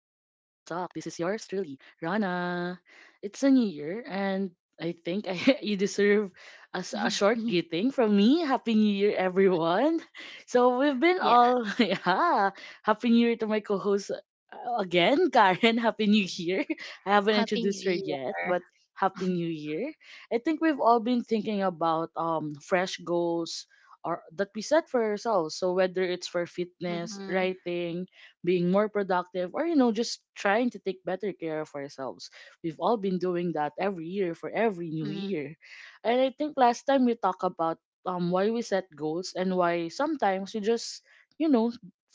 This is yours truly, Rana. It's a new year and I think you deserve a short greeting from me. Happy New Year everyone. So we've been Yeah. all yeah, happy new year to my co-host again, Karen. Happy New Year. I haven't Happy introduced New her yet, but Year. happy new year. I think we've all been thinking about fresh goals, or that we set for ourselves. So whether it's for fitness, Mm-hmm. writing, being more productive, or just trying to take better care of ourselves. We've all been doing that every year for Mm-hmm. every new year. And I think last time we talked about why we set goals and why sometimes we just, you know,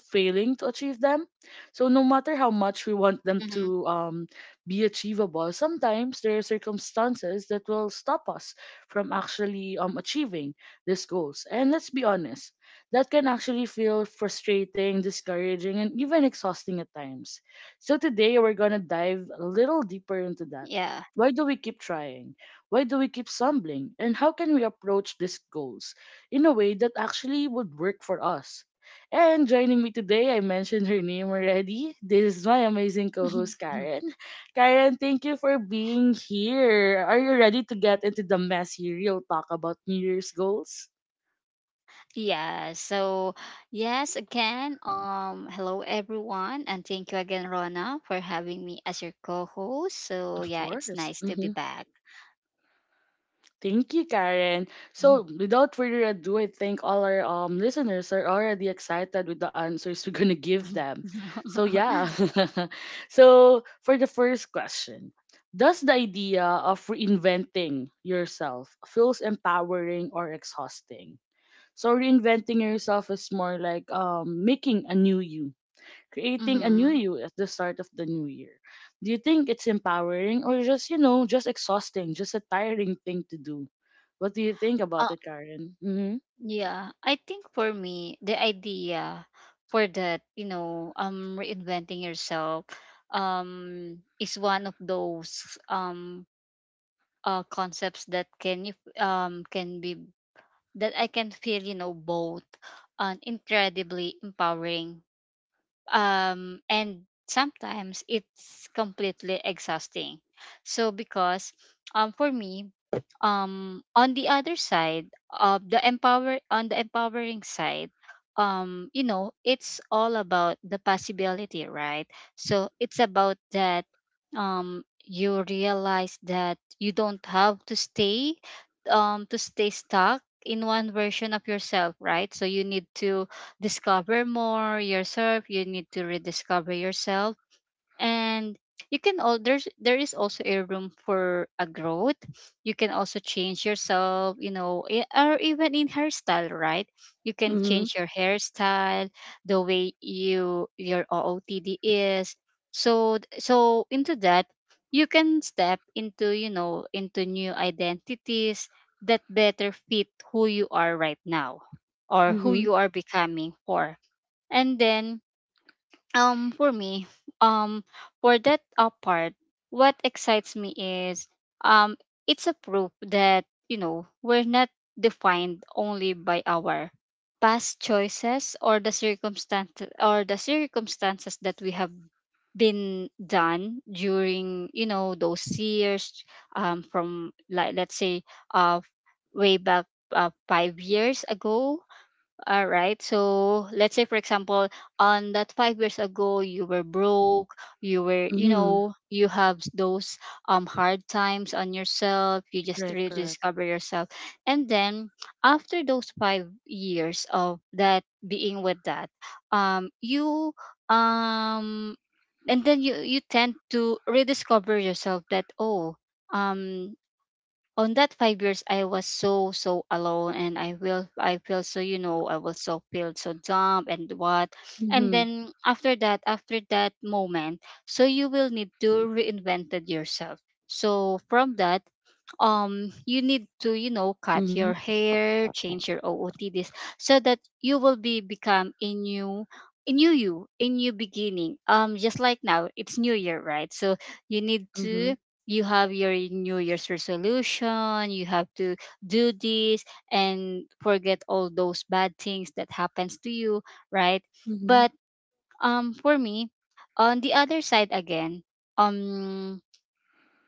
failing to achieve them. So no matter how much we want Mm-hmm. them to be achievable, sometimes there are circumstances that will stop us from actually achieving these goals. And let's be honest, that can actually feel frustrating, discouraging, and even exhausting at times. So today we're going to dive a little Yeah. deeper into that. Why do we keep trying? Why do we keep stumbling? And how can we approach these goals in a way that actually would work for us? And joining me today, I mentioned her name already. This is my amazing co host, Karen. Karen, thank you for being here. Are you ready to get into the messy real talk about New Year's goals? Yeah. So, yes, again, hello everyone, and thank you again, Rona, for having me as your co-host. So, Of yeah, it's course. nice to be back. Thank you, Karen. So, without further ado, I think all our listeners are already excited with the answers we're gonna give them. So yeah. So for the first question, does the idea of reinventing yourself feels empowering or exhausting? So reinventing yourself is more like making a new you, creating a new Mm-hmm. you at the start of the new year. Do you think it's empowering or just exhausting, just a tiring thing to do? What do you think about it, Karen? Mm-hmm. Yeah, I think for me, the idea for that, reinventing yourself, is one of those concepts that can you can be that I can feel, you know, both and incredibly empowering, and sometimes it's completely exhausting. Because for me, on the other side of the empower on the empowering side, you know, it's all about the possibility, right? So it's about that you realize that you don't have to stay stuck in one version of yourself, right? So you need to discover more yourself. You need to rediscover yourself, and you can all there's there is also a room for a growth. You can also change yourself, or even in hairstyle, right? You can Mm-hmm. change your hairstyle, the way your ootd is, so into that. You can step into, you know, into new identities that better fit who you are right now, or who Mm-hmm. you are becoming for. And then for me um for that part what excites me is, um it's a proof that, you know, we're not defined only by our past choices or the circumstances that we have been done during, you know, those years, from, like, let's say uh way back, 5 years ago. All right. So let's say, for example, on that 5 years ago, you were broke. You were, you Mm-hmm. know, you have those hard times on yourself. You just Correct, correct. rediscover yourself, and then after those 5 years of that being with that, you um, and then you tend to rediscover yourself that, oh, um on that 5 years I was so alone and I will I feel so, you know, I was so feel so dumb and what. And Mm-hmm. then, after that moment, so you will need to reinvented yourself. So from that, you need to, you know, cut your Mm-hmm. hair, change your ootds, so that you will be become a new, a new you, a new beginning. Just like now it's new year, right? So you need Mm-hmm. to, you have your new year's resolution. You have to do this and forget all those bad things that happens to you, right? Mm-hmm. But, for me, on the other side again, um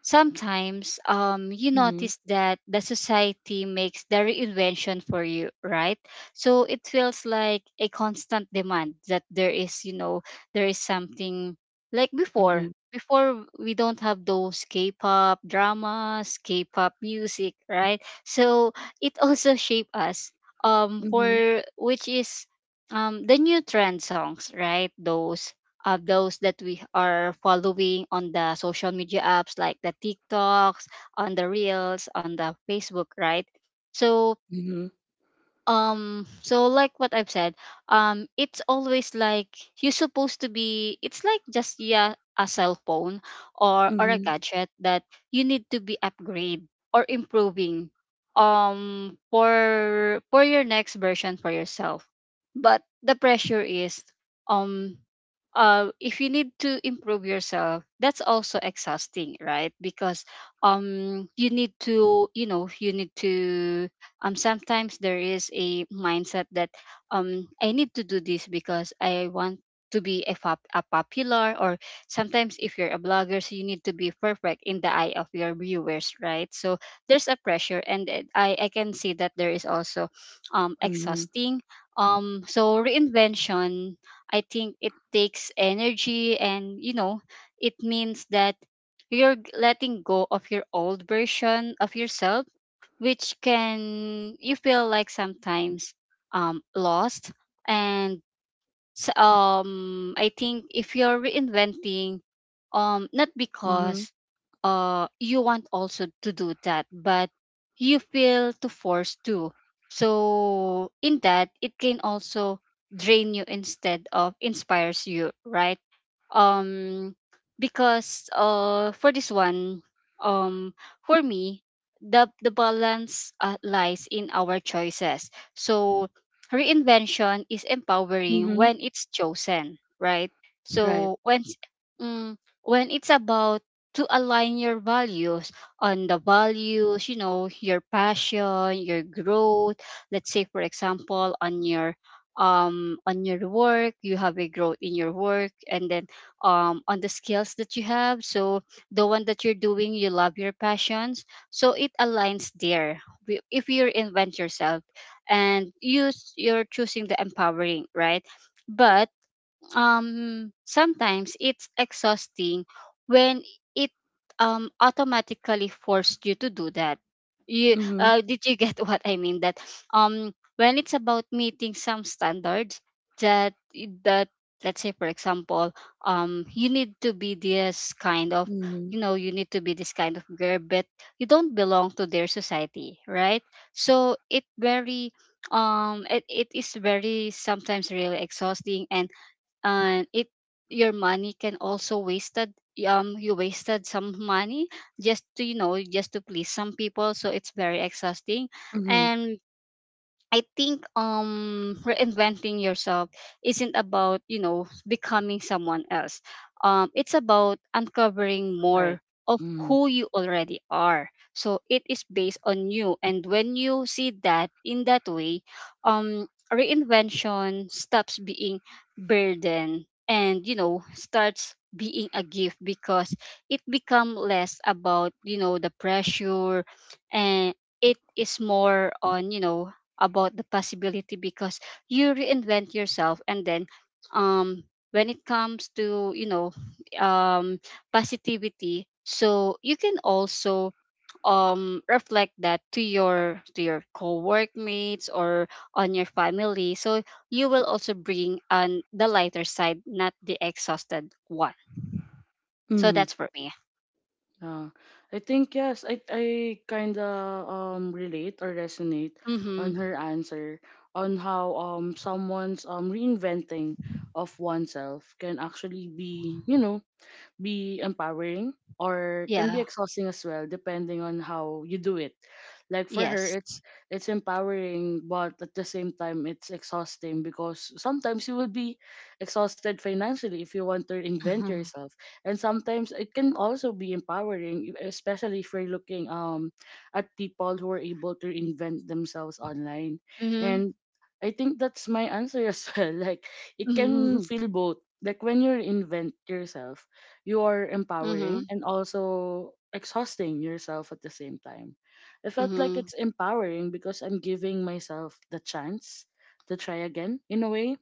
sometimes you Mm-hmm. notice that the society makes the reinvention for you, right? So it feels like a constant demand that there is, you know, there is something. Like before, Mm-hmm. before we don't have those k-pop dramas, k-pop music, right? So it also shape us Mm-hmm. for which is the new trend songs, right? Those, those that we are following on the social media apps, like the TikToks, on the Reels, on the Facebook, right? So, Mm-hmm. So like what I've said, it's always like you're supposed to be, it's like just, yeah, a cell phone or a Mm-hmm. gadget that you need to be upgrade or improving, for your next version for yourself. But the pressure is, um if you need to improve yourself, that's also exhausting, right? Because, you need to, you know, you need to, sometimes there is a mindset that, I need to do this because I want to be a popular, or sometimes if you're a blogger, so you need to be perfect in the eye of your viewers, right? So there's a pressure and I can see that there is also Mm-hmm. exhausting. So reinvention, I think, it takes energy and, you know, it means that letting go of your old version of yourself, which can you feel like sometimes lost. And I think if you're reinventing, not Mm-hmm. because you want also to do that, but you feel to force to, so in that it can also drain you instead of inspires you, right? Um because uh for this one, um for me, the balance, lies in our choices. So reinvention is empowering Mm-hmm. when it's chosen, right? Right. So when mm, when it's about to align your values, on the values, you know, your passion, your growth. Let's say for example, on your, on your work, you have a growth in your work, and then, on the skills that you have. So the one that you're doing, you love your passions. So it aligns there. If you reinvent yourself and you're choosing the empowering, right? But sometimes it's exhausting when it automatically forced you to do that. You Mm-hmm. Did you get what I mean, that when it's about meeting some standards that that, let's say for example, you need to be this kind of, Mm-hmm. you know, you need to be this kind of girl, but you don't belong to their society, right? So it very, it is very sometimes really exhausting. And it, your money can also wasted, you wasted some money just to, you know, just to please some people. So it's very exhausting. Mm-hmm. And I think, reinventing yourself isn't about, you know, becoming someone else. Um, it's about uncovering Right. more of Mm-hmm. who you already are. So it is based on you, and when you see that in that way, reinvention stops being burden and, you know, starts being a gift, because it become less about, you know, the pressure, and it is more on, you know, about the possibility. Because you reinvent yourself, and then, um when it comes to, you know, um positivity, so you can also reflect that to your, to your co-workmates or on your family. So you will also bring on the lighter side, not the exhausted one. So Mm-hmm. that's for me. Yeah, I think yes. I kind of relate or resonate Mm-hmm. on her answer on how someone's reinventing of oneself can actually be, be empowering or can Yeah. be exhausting as well depending on how you do it. Like for her Yes. it's empowering, but at the same time it's exhausting because sometimes you will be exhausted financially if you want to invent Mm-hmm. yourself. And sometimes it can also be empowering, especially if you're looking at people who are able to invent themselves online. Mm-hmm. And I think that's my answer as well. Like, it can Mm-hmm. feel both. Like when you reinvent yourself, you're Mm-hmm. empowering and also exhausting yourself at the same time. I felt like Mm-hmm. it's empowering because I'm giving myself the chance to try again in a way.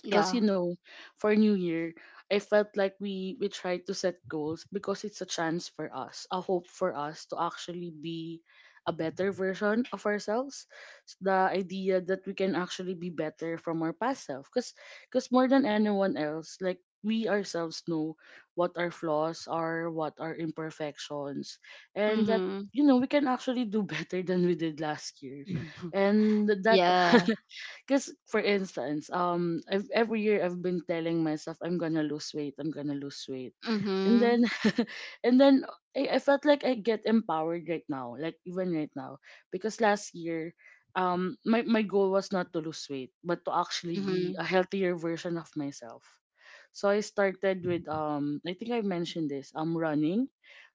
Yeah. Cause for New Year, I felt like we tried to set goals because it's a chance for us, a hope for us to actually be a better version of ourselves. The idea that we can actually be better from our past self, cause more than anyone else, like we ourselves know what our flaws are, what our imperfections, and that Mm-hmm. We can actually do better than we did last year, Mhm. and that Yeah. because for instance, every year I've been telling myself I'm gonna lose weight, I'm gonna lose weight, and Mhm. then, and then I felt like I get empowered right now, like even right now, because last year, my goal was not to lose weight, but to actually be Mhm. a healthier version of myself. So I started with I think I mentioned this, running,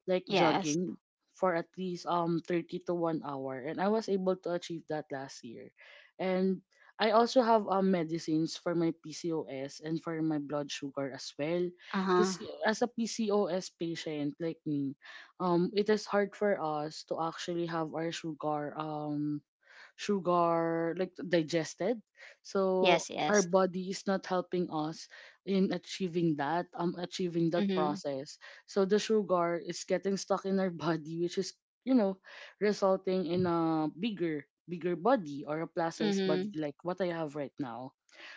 like Yes. jogging for at least 30 to 1 hour, and I was able to achieve that last year. And I also have medicines for my PCOS and for my blood sugar as well. Uh-huh. Because as a PCOS patient like me, it is hard for us to actually have our sugar like digested, so Yes, our yes. body is not helping us in achieving that Mhm. process, so the sugar is getting stuck in our body, which is you know resulting in a bigger body or a plus size body Mhm. like what I have right now.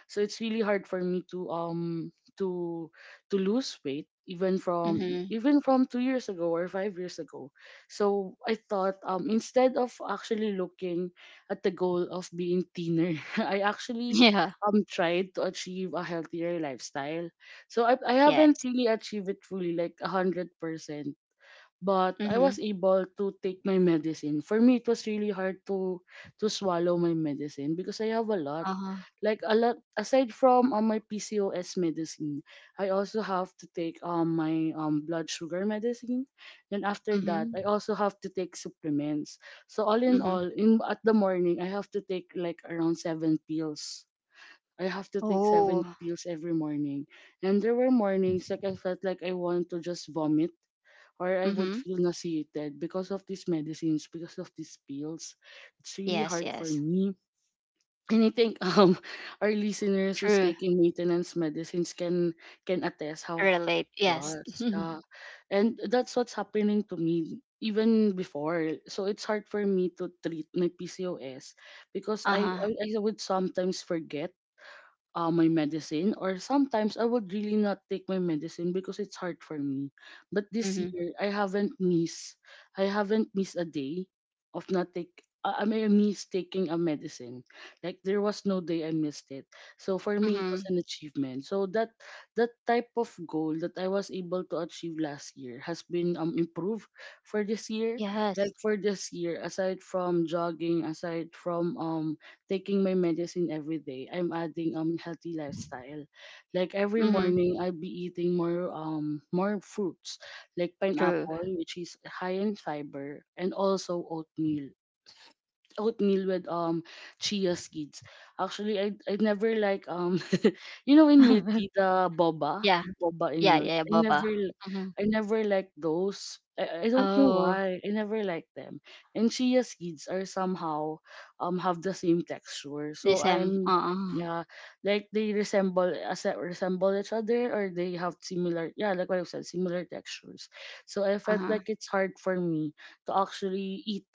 So it's really hard for me to to lose weight Mhm. even from 2 years ago or 5 years ago. So I thought instead of actually looking at the goal of being thinner, I actually Yeah. Tried to achieve a healthier lifestyle. So I haven't Yes. really achieved it fully like 100%. But I Mhm. was able to take my medicine. For me, it was really hard to swallow my medicine because I have a lot. Uh-huh. Like a lot aside from my PCOS medicine, I also have to take my blood sugar medicine. Then after that, Mhm. I also have to take supplements. So Mhm. all, in at the morning, I have to take like around seven pills. I have to take Oh. seven pills every morning. And there were mornings like I felt like I want to just vomit or I would Mhm. feel nauseated because of these medicines, because of these pills. It's really Yes, hard for yes. me. And I think our listeners who's True. taking maintenance medicines can attest how Relate. it Yes. was. Yeah. And that's what's happening to me even before. So it's hard for me to treat my PCOS because I Uh-huh. I, I would sometimes forget my medicine, or sometimes I would really not take my medicine because it's hard for me. But this Mhm. year I haven't missed a day of not take I mean I miss taking a medicine. Like there was no day I missed it. So for me it was Mhm. an achievement. So that type of goal that I was able to achieve last year has been improved for this year. Yes. Like for this year, aside from jogging, aside from taking my medicine every day, I'm adding healthy lifestyle. Like every Mhm. morning I'll be eating more fruits like True. pineapple, which is high in fiber, and also oatmeal with chia seeds. Actually, I never like in milk tea, the boba Yeah. the boba in Yeah, milk. yeah, I Boba. never Mhm. I never like those. I don't know Oh, why I never like them. And chia seeds are somehow have the same texture. So this am. I'm, Uh-uh. yeah, like they resemble each other, or they have similar, yeah, like what I said, similar textures. So I felt Uh-huh. like it's hard for me to actually eat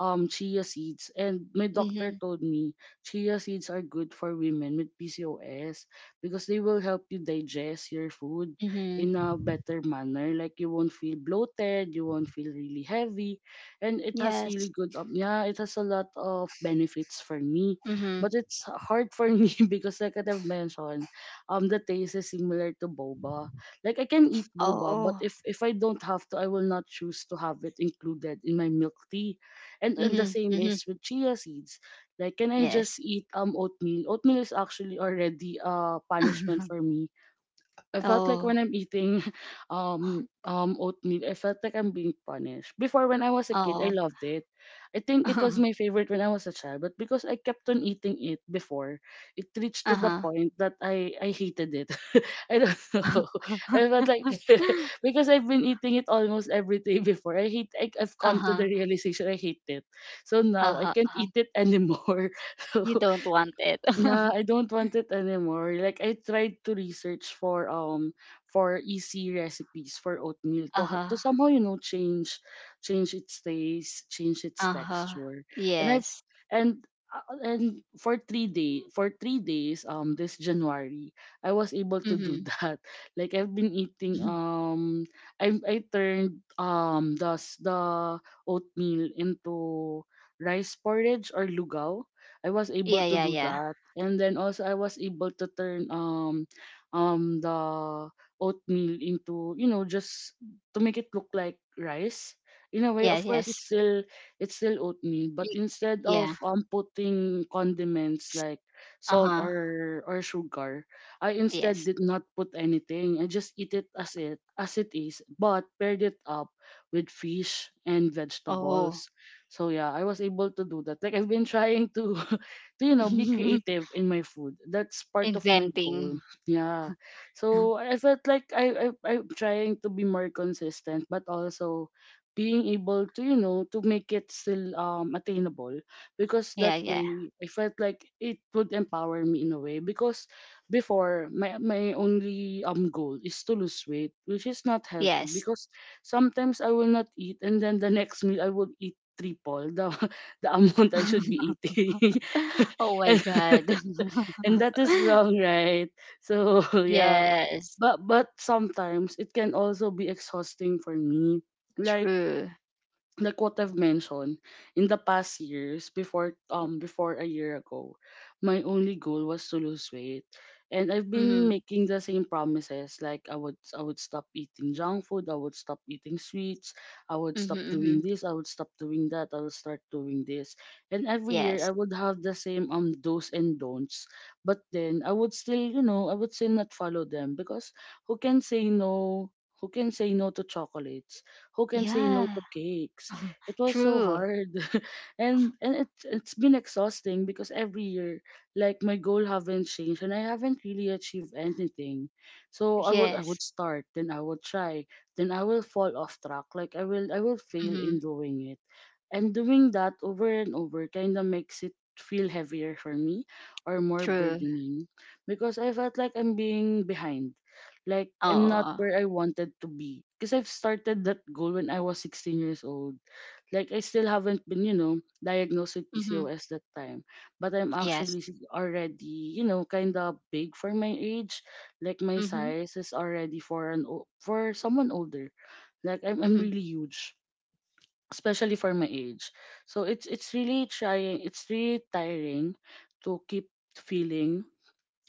chia seeds, and my doctor Mhm. told me chia seeds are good for women with PCOS because they will help you digest your food in Mhm. a better manner, like you won't feel bloated, you won't feel really heavy, and it has really Yes. good yeah, it has a lot of benefits for me. Mhm. But it's hard for me because like I've mentioned, the taste is similar to boba. Like I can eat boba, but Oh. if I don't have to, I will not choose to have it included in my milk tea. And, the Mhm, same mhm. is with chia seeds. Like, can I just Yes. eat oatmeal? Oatmeal is actually already a punishment for me. I felt like when Oh. I'm eating oatmeal, I felt like I'm being punished. Before when I was a kid, I Oh. loved it. I think it was my favorite when I was a child, but because I kept on eating it before, it reached to the Uh-huh. point that I hated it. I don't know. I felt like because I've been eating it almost every day before. I hate. I've come to the Uh-huh, realization I hate it. So now I can't uh-huh. eat it anymore. So You don't want it. yeah, I don't want it anymore. Like I tried to research for for easy recipes for oatmeal Uh-huh, to somehow change its taste, change its uh-huh. texture. And I've Yes. and and for 3 days this January I was able to Mhm. do that. Like I've been eating I turned the oatmeal into rice porridge or lugaw. I was able to do Yeah. that. And then also I was able to turn the oatmeal into, just to make it look like rice. In a way, Yeah, of course yes. it's still oatmeal, Y but instead Yeah. of putting condiments like salt Uh-huh. or sugar, I Yes. instead did not put anything. I just eat it as it is, but paired it up with fish and Oh. vegetables. So yeah, I was able to do that. Like I've been trying to to be creative in my food. That's part of my goal. Inventing. Yeah. So I felt like I'm trying to be more consistent, but also being able to to make it still attainable because that Yeah. way I felt like it would empower me in a way. Because before my only goal is to lose weight, which is not healthy Yes. because sometimes I will not eat and then the next meal I will eat triple the the amount I should be eating. Oh my and, God. and that is wrong, right? So yeah. Yes, But sometimes it can also be exhausting for me, like true. like what I've mentioned, in the past years, before before a year ago, my only goal was to lose weight. And I've been Mhm. making the same promises, like I would stop eating junk food, I would stop eating sweets, I would Mhm, stop doing mhm. this, I would stop doing that, I would start doing this. And every year I Yes. would have the same do's and don'ts. But then I would still, you know, I would still not follow them because who can say no, who can say no to chocolates? Who can say no to Yeah, cakes? It was so true. hard. And it's been exhausting, because every year like my goal haven't changed and I haven't really achieved anything. So I Yes. would start, then I would try, then I will fall off track. Like I will fail in Mhm. doing it. And doing that over and over kinda makes it feel heavier for me, or more True. burdening, because I felt like I'm being behind. Like I'm not Oh. where I wanted to be. Because I've started that goal when I was 16 years old. Like I still haven't been, you know, diagnosed with Mhm. PCOS that time. But I'm Yes. actually already, you know, kind of big for my age. Like my Mhm. size is already for for someone older. Like I'm Mhm. really huge, especially for my age. So it's really trying. It's really tiring to keep feeling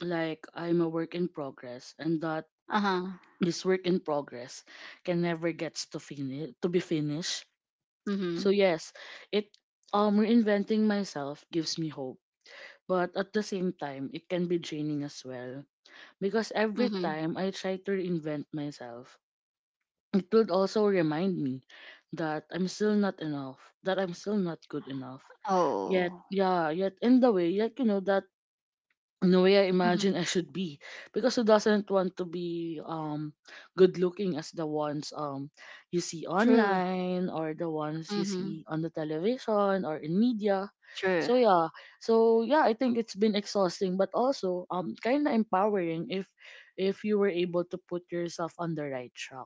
like I'm a work in progress, and that Uh-huh. this work in progress can never gets to finish to be finished. So Mhm. yes, it, reinventing myself gives me hope, but at the same time it can be draining as well, because every Mhm. time I try to reinvent myself, it would also remind me that I'm still not enough, that I'm still not good enough yet. Oh. Yeah, yet in the way, yet you know, that in the way I imagine Mhm. I should be. Because who doesn't want to be good looking as the ones you see True. online, or the ones you Mhm. see on the television or in media? True. So yeah. So yeah, I think it's been exhausting but also kind of empowering if you were able to put yourself on the right track.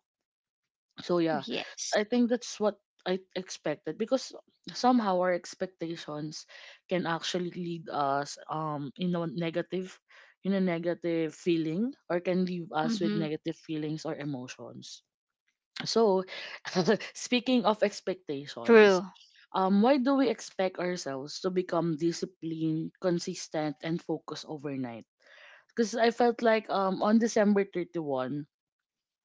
So yeah, Yes. I think that's what I expected, because somehow our expectations can actually lead us in a negative, in a negative feeling, or can leave us with Mhm. negative feelings or emotions. So speaking of expectations, True. Why do we expect ourselves to become disciplined, consistent and focused overnight? Because I felt like on December 31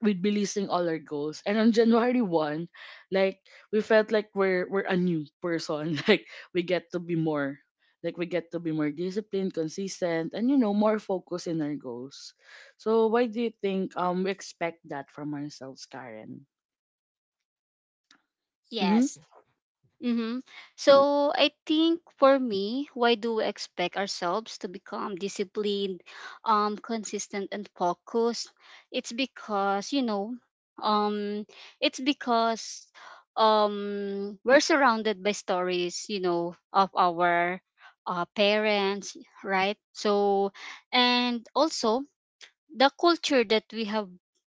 we'd be listing all our goals. And on January 1, like we felt like we're a new person. Like we get to be more like we get to be more disciplined, consistent, and you know, more focused in our goals. So why do you think we expect that from ourselves, Karen? Mm-hmm. Yes. Mm-hmm. So I think for me, why do we expect ourselves to become disciplined, consistent and focused? It's because, you know, um, it's because we're surrounded by stories, you know, of our, parents, right? So and also the culture that we have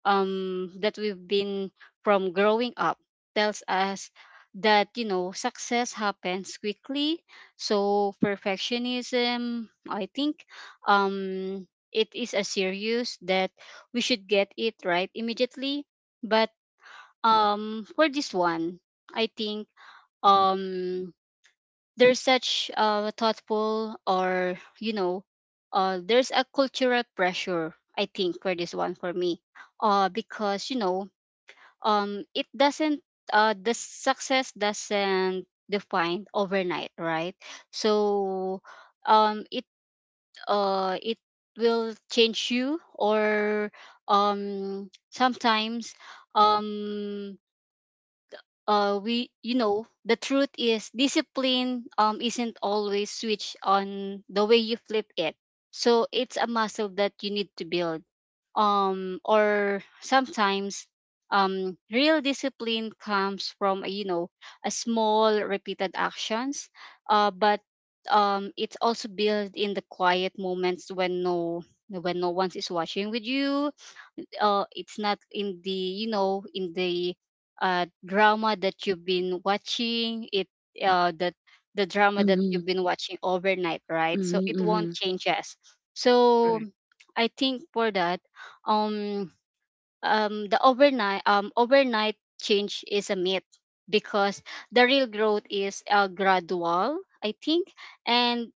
that we've been from growing up tells us that, you know, success happens quickly. So perfectionism, I think, um it is a serious that we should get it right immediately. But, for this one, I think, um there's such, thoughtful, or you know, there's a cultural pressure, I think, for this one, for me. Because you know, it doesn't the success doesn't define overnight, right? So, um, it it will change you. Or, sometimes um, we, you know, the truth is discipline, isn't always switched on the way you flip it. So it's a muscle that you need to build. Or sometimes, real discipline comes from, you know, a small repeated actions. But it's also built in the quiet moments when no, when no one is watching with you. It's not in the, you know, in the, drama that you've been watching it, that, the drama that Mm-hmm. you've been watching overnight, right? So Mm-hmm. it won't Mm-hmm. change us. So Correct. I think for that, um the overnight change is a myth, because the real growth is, gradual, I think. And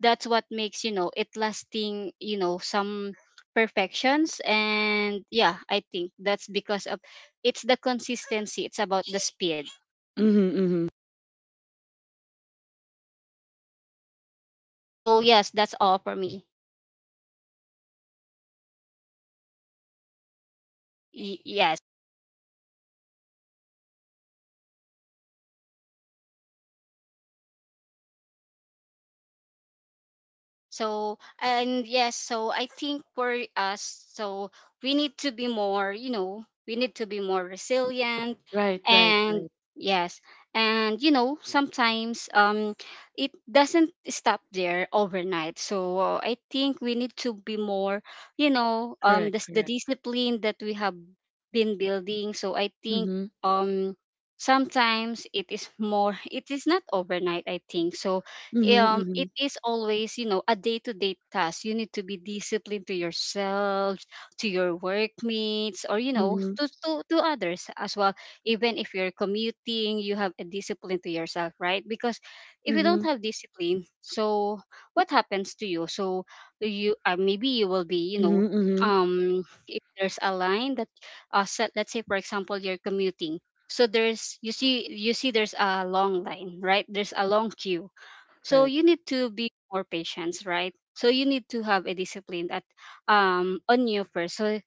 that's what makes, you know, it lasting. You know, some perfections and, yeah, I think that's because of, it's the consistency, it's about the speed. Mm-hmm. Mm-hmm. So yes, that's all for me. Yes. So and yes, so I think for us, so we need to be more, you know, we need to be more resilient. Right, right, And right. yes, and you know, sometimes, it doesn't stop there overnight. So, I think we need to be more, you know, Correct, the correct. discipline that we have been building. So I think Mm-hmm. um sometimes it is more it is not overnight i think so Mm-hmm. um It Mm-hmm. is always, you know, a day-to-day task. You need to be disciplined to yourself, to your workmates, or, you know, Mm-hmm. to others as well. Even if you're commuting, you have a discipline to yourself, right? Because if you don't Mm-hmm. have discipline, what happens to you? So you, maybe you will be, you Mm-hmm. know, Mm-hmm. um if there's a line that set, let's say for example you're commuting, so there's you see there's a long line, right? There's a long queue. So Right, you need to be more patient, right? So you need to have a discipline that, on you first. So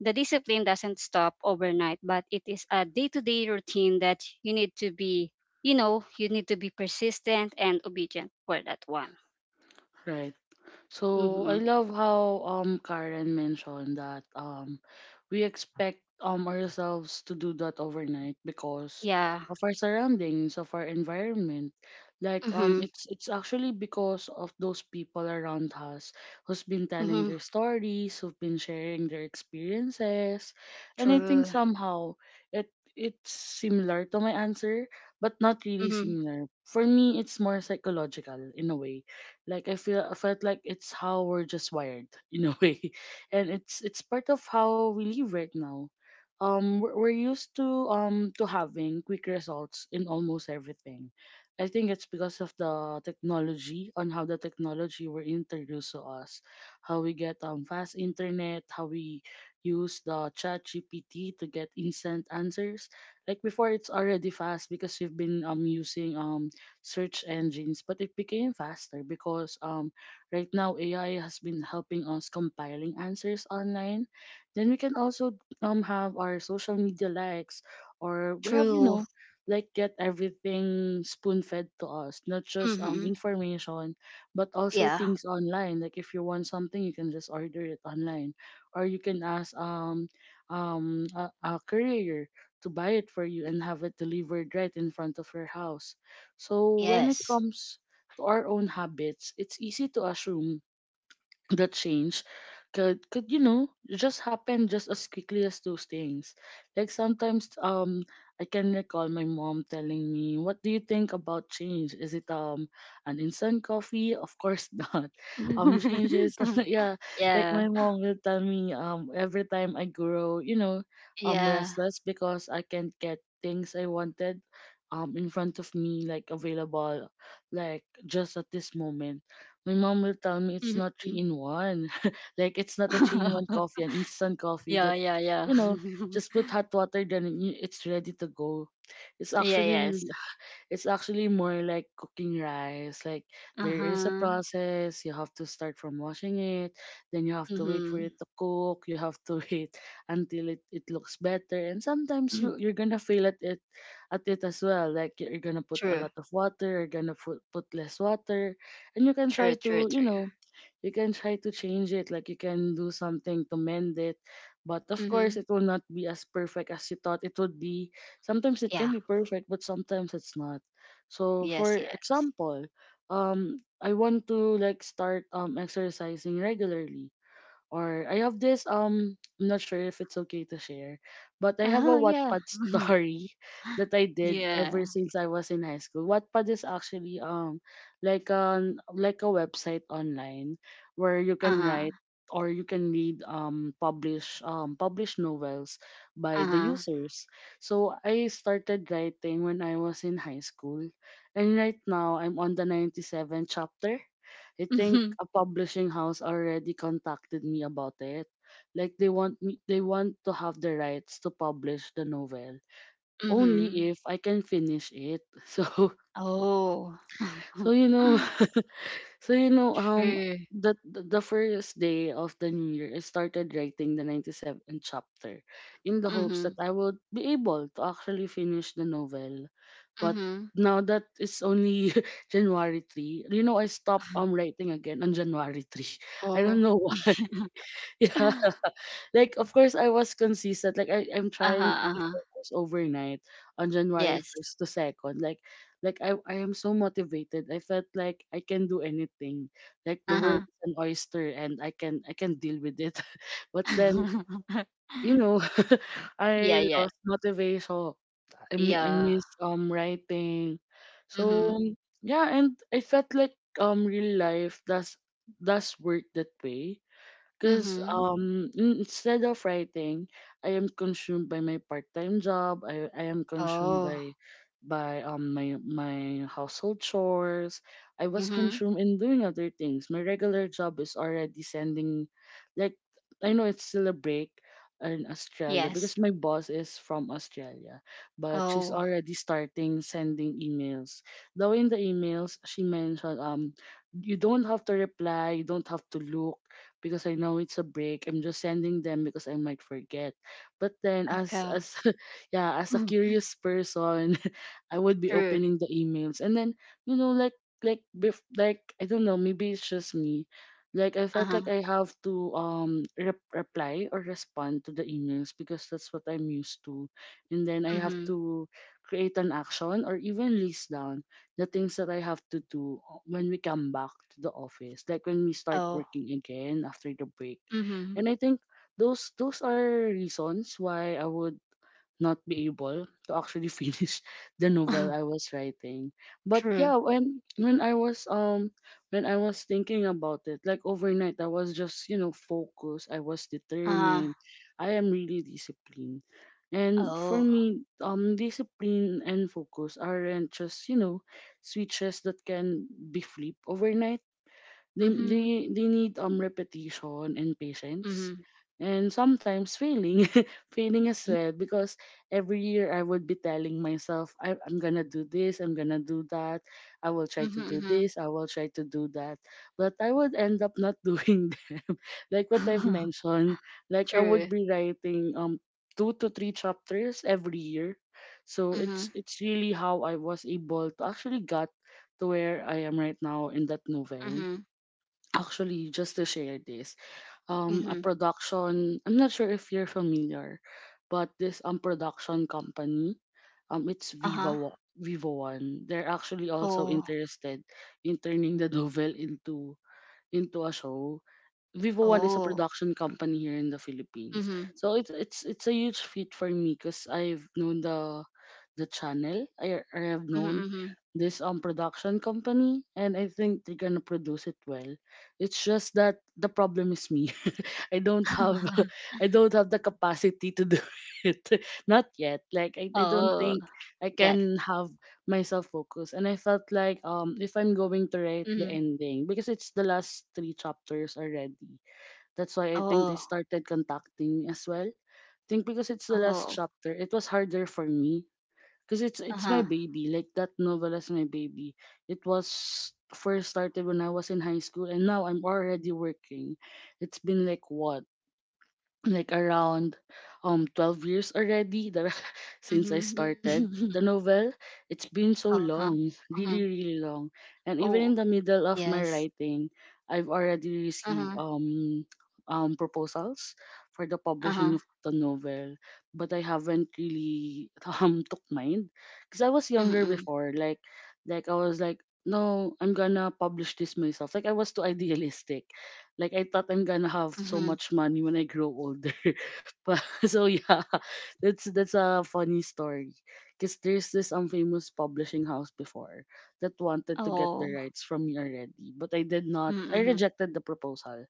the discipline doesn't stop overnight, but it is a day-to-day routine that you need to be, you know, you need to be persistent and obedient for that one. right. So I Mm-hmm. love how Karen mentioned that we expect ourselves to do that overnight because Yeah. of our surroundings, of our environment. Like Mm-hmm. It's actually because of those people around us who's been telling Mm-hmm. their stories, who've been sharing their experiences. And I True. think somehow it's similar to my answer, but not really Mm-hmm. similar. For me it's more psychological in a way, like I felt like it's how we're just wired in a way, and it's part of how we live right now. We're used to having quick results in almost everything. I think it's because of the technology, on how the technology were introduced to us, how we get fast internet, how we use the chat GPT to get instant answers. Like before, it's already fast because we've been using search engines, but it became faster because right now AI has been helping us compiling answers online. Then we can also have our social media likes, or we have, you True. know, like get everything spoon fed to us, not just Mm-hmm. information, but also Yeah. things online. Like if you want something, you can just order it online, or you can ask a courier to buy it for you and have it delivered right in front of your house. So when it Yes. comes to our own habits, it's easy to assume that change could you know just happen just as quickly as those things. Like sometimes I can recall my mom telling me, what do you think about change? Is it an instant coffee? Of course not. Changes. Yeah. Like Yeah. my mom will tell me, every time I grow, you know, I'm Yeah. restless because I can't get things I wanted in front of me, like available, like just at this moment. My mom will tell me, it's not Mm-hmm. three in one. Like it's not a three in one coffee, an instant coffee Yeah, that yeah, you yeah. know just put hot water then it's ready to go. It's Yeah, actually yes. More like cooking rice. Like there is a Uh-huh. process. You have to start from washing it, then you have to wait for it Mm-hmm. to cook. You have to wait until it looks better. And sometimes you're gonna fail at it as well. Like you're gonna put a True. lot of water, you're gonna put less water, and you can try True, to true, you true. know you can try to change it, like you can do something to mend it, but of course it Mm-hmm. will not be as perfect as you thought it would be. Sometimes it can Yeah. be perfect, but sometimes it's not. So for Yes, yes. example, I want to like start exercising regularly. Or I have this, I'm not sure if it's okay to share, but I have a Oh, yeah. Wattpad story that I did ever Yeah. since I was in high school. Wattpad is actually like an a website online where you can Uh-huh. write or you can read published novels by the Uh-huh. users. So I started writing when I was in high school, and right now I'm on the 97th chapter. I think Mm-hmm. a publishing house already contacted me about it. Like they want to have the rights to publish the novel, Mm-hmm. only if I can finish it. So Oh. so you know so you know um True. The first day of the new year I started writing the 97th chapter, in the hopes that Mm-hmm. I would be able to actually finish the novel. But Mm-hmm. now that it's only January 3, you know I stopped writing again on January 3. I don't Oh. know. Yeah. Like of course I was consistent. Like I'm Uh-huh. trying to be Uh-huh. focused overnight on January Yes. first to second. Like I am so motivated. I felt like I can do anything. Like the world Uh-huh. is an oyster and I can deal with it. But then you know, Yeah, I yeah. lost motivation. I Yeah. missed writing. So Mm-hmm. yeah, and I felt like real life does work that way, because Mm-hmm. Instead of writing, I am consumed by my part-time job. I am consumed Oh. By my household chores. I was Mm-hmm. consumed in doing other things. My regular job is already sending, like I know it's still a break in Australia Yes. because my boss is from Australia, but she's Oh. already starting sending emails. Though in the emails she mentioned, you don't have to reply, you don't have to look, because I know it's a break. I'm just sending them because I might forget. But then as Okay. as yeah, as a Mm. curious person, I would be True. opening the emails. And then, you know, like like I don't know, maybe it's just me. Like I felt like Uh-huh. I have to reply or respond to the emails because that's what I'm used to. And then I have Mm-hmm. to create an action or even list down the things that I have to do when we come back to the office, like when we start Oh. working again after the break. Mm-hmm. And I think those are reasons why I would not be able to actually finish the novel I was writing. But True. yeah, when I was when I was thinking about it, like overnight I was just, you know, focused, I was Uh-huh. determined. I am really disciplined. And for Oh. me, discipline and focus aren't just, you know, switches that can be flipped overnight. they they, Mm-hmm. they need repetition and patience Mm-hmm. and sometimes failing failing as well because every year I would be telling myself I'm gonna do this, I'm gonna do that, I will try to Mm-hmm. do Mm-hmm. this, I will try to do that, but I would end up not doing that. Like what I've mentioned, like I would True. be writing two to three chapters every year, so Mm-hmm. it's really how I was able to actually got to where I am right now in that novel. Mm-hmm. Actually, just to share this, a Mm-hmm. production. I'm not sure if you're familiar, but this production company, it's Uh-huh. Viva One. They're actually also Oh. interested in turning the novel into a show. Vivo One is a Oh. production company here in the Philippines. Mm-hmm. So it's a huge feat for me because I've known the channel. I have known Mm-hmm. this production company, and I think they're gonna produce it well. It's just that the problem is me. I don't have Mm-hmm. I don't have the capacity to do it. Not yet. Like I Oh. don't think Yeah. I can have myself focus. And I felt like if I'm going to write Mm-hmm. the ending, because it's the last three chapters already, that's why I think they Oh. started contacting me as well. I think because it's the last Oh. chapter, it was harder for me because it's Uh-huh. my baby. Like that novel is my baby. It was first started when I was in high school, and now I'm already working. It's been like what, like around 12 years already that since I Mm-hmm. started the novel. It's been so Uh-huh. long, Mm-hmm. really, really long. And Oh. even in the middle of my Yes. writing, I've already Uh-huh. received proposals for the Uh-huh. publishing of the novel, but I haven't really took mine because I was younger Mm, before, like I was like, no, I'm gonna publish this myself. Like I was too idealistic, like I thought I'm gonna have mhm. so much money when I grow older. But so yeah, that's a funny story. Cause there's this unfamous publishing house before that wanted to get Oh. the rights from me already, but I did Mm, not. I mhm, rejected the proposal.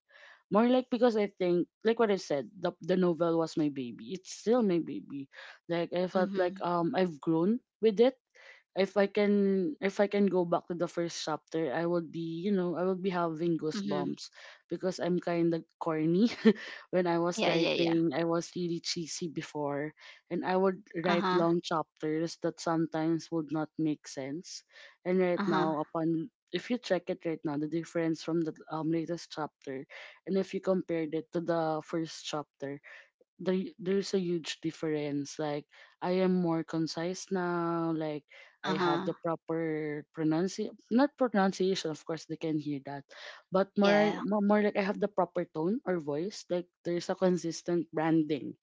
More like because I think, like what I said, the novel was my baby. It's still my baby. Like I felt like mhm, I've grown with it. If I can if I can go back to the first chapter, I would be, you know, I would be having mhm. goosebumps because I'm kind of corny. When I was Yeah, yeah, yeah. writing, I was really cheesy before, and I would write Uh-huh, long chapters that sometimes would not make sense. And right uh-huh, now, upon if you check it right now, the difference from the latest chapter, and if you compared it to the first chapter, there's a huge difference. Like I am more concise now. Like I have uh-huh. the proper pronunciation, not pronunciation, of course they can hear that, but more Yeah. More like I have the proper tone or voice. Like there's a consistent branding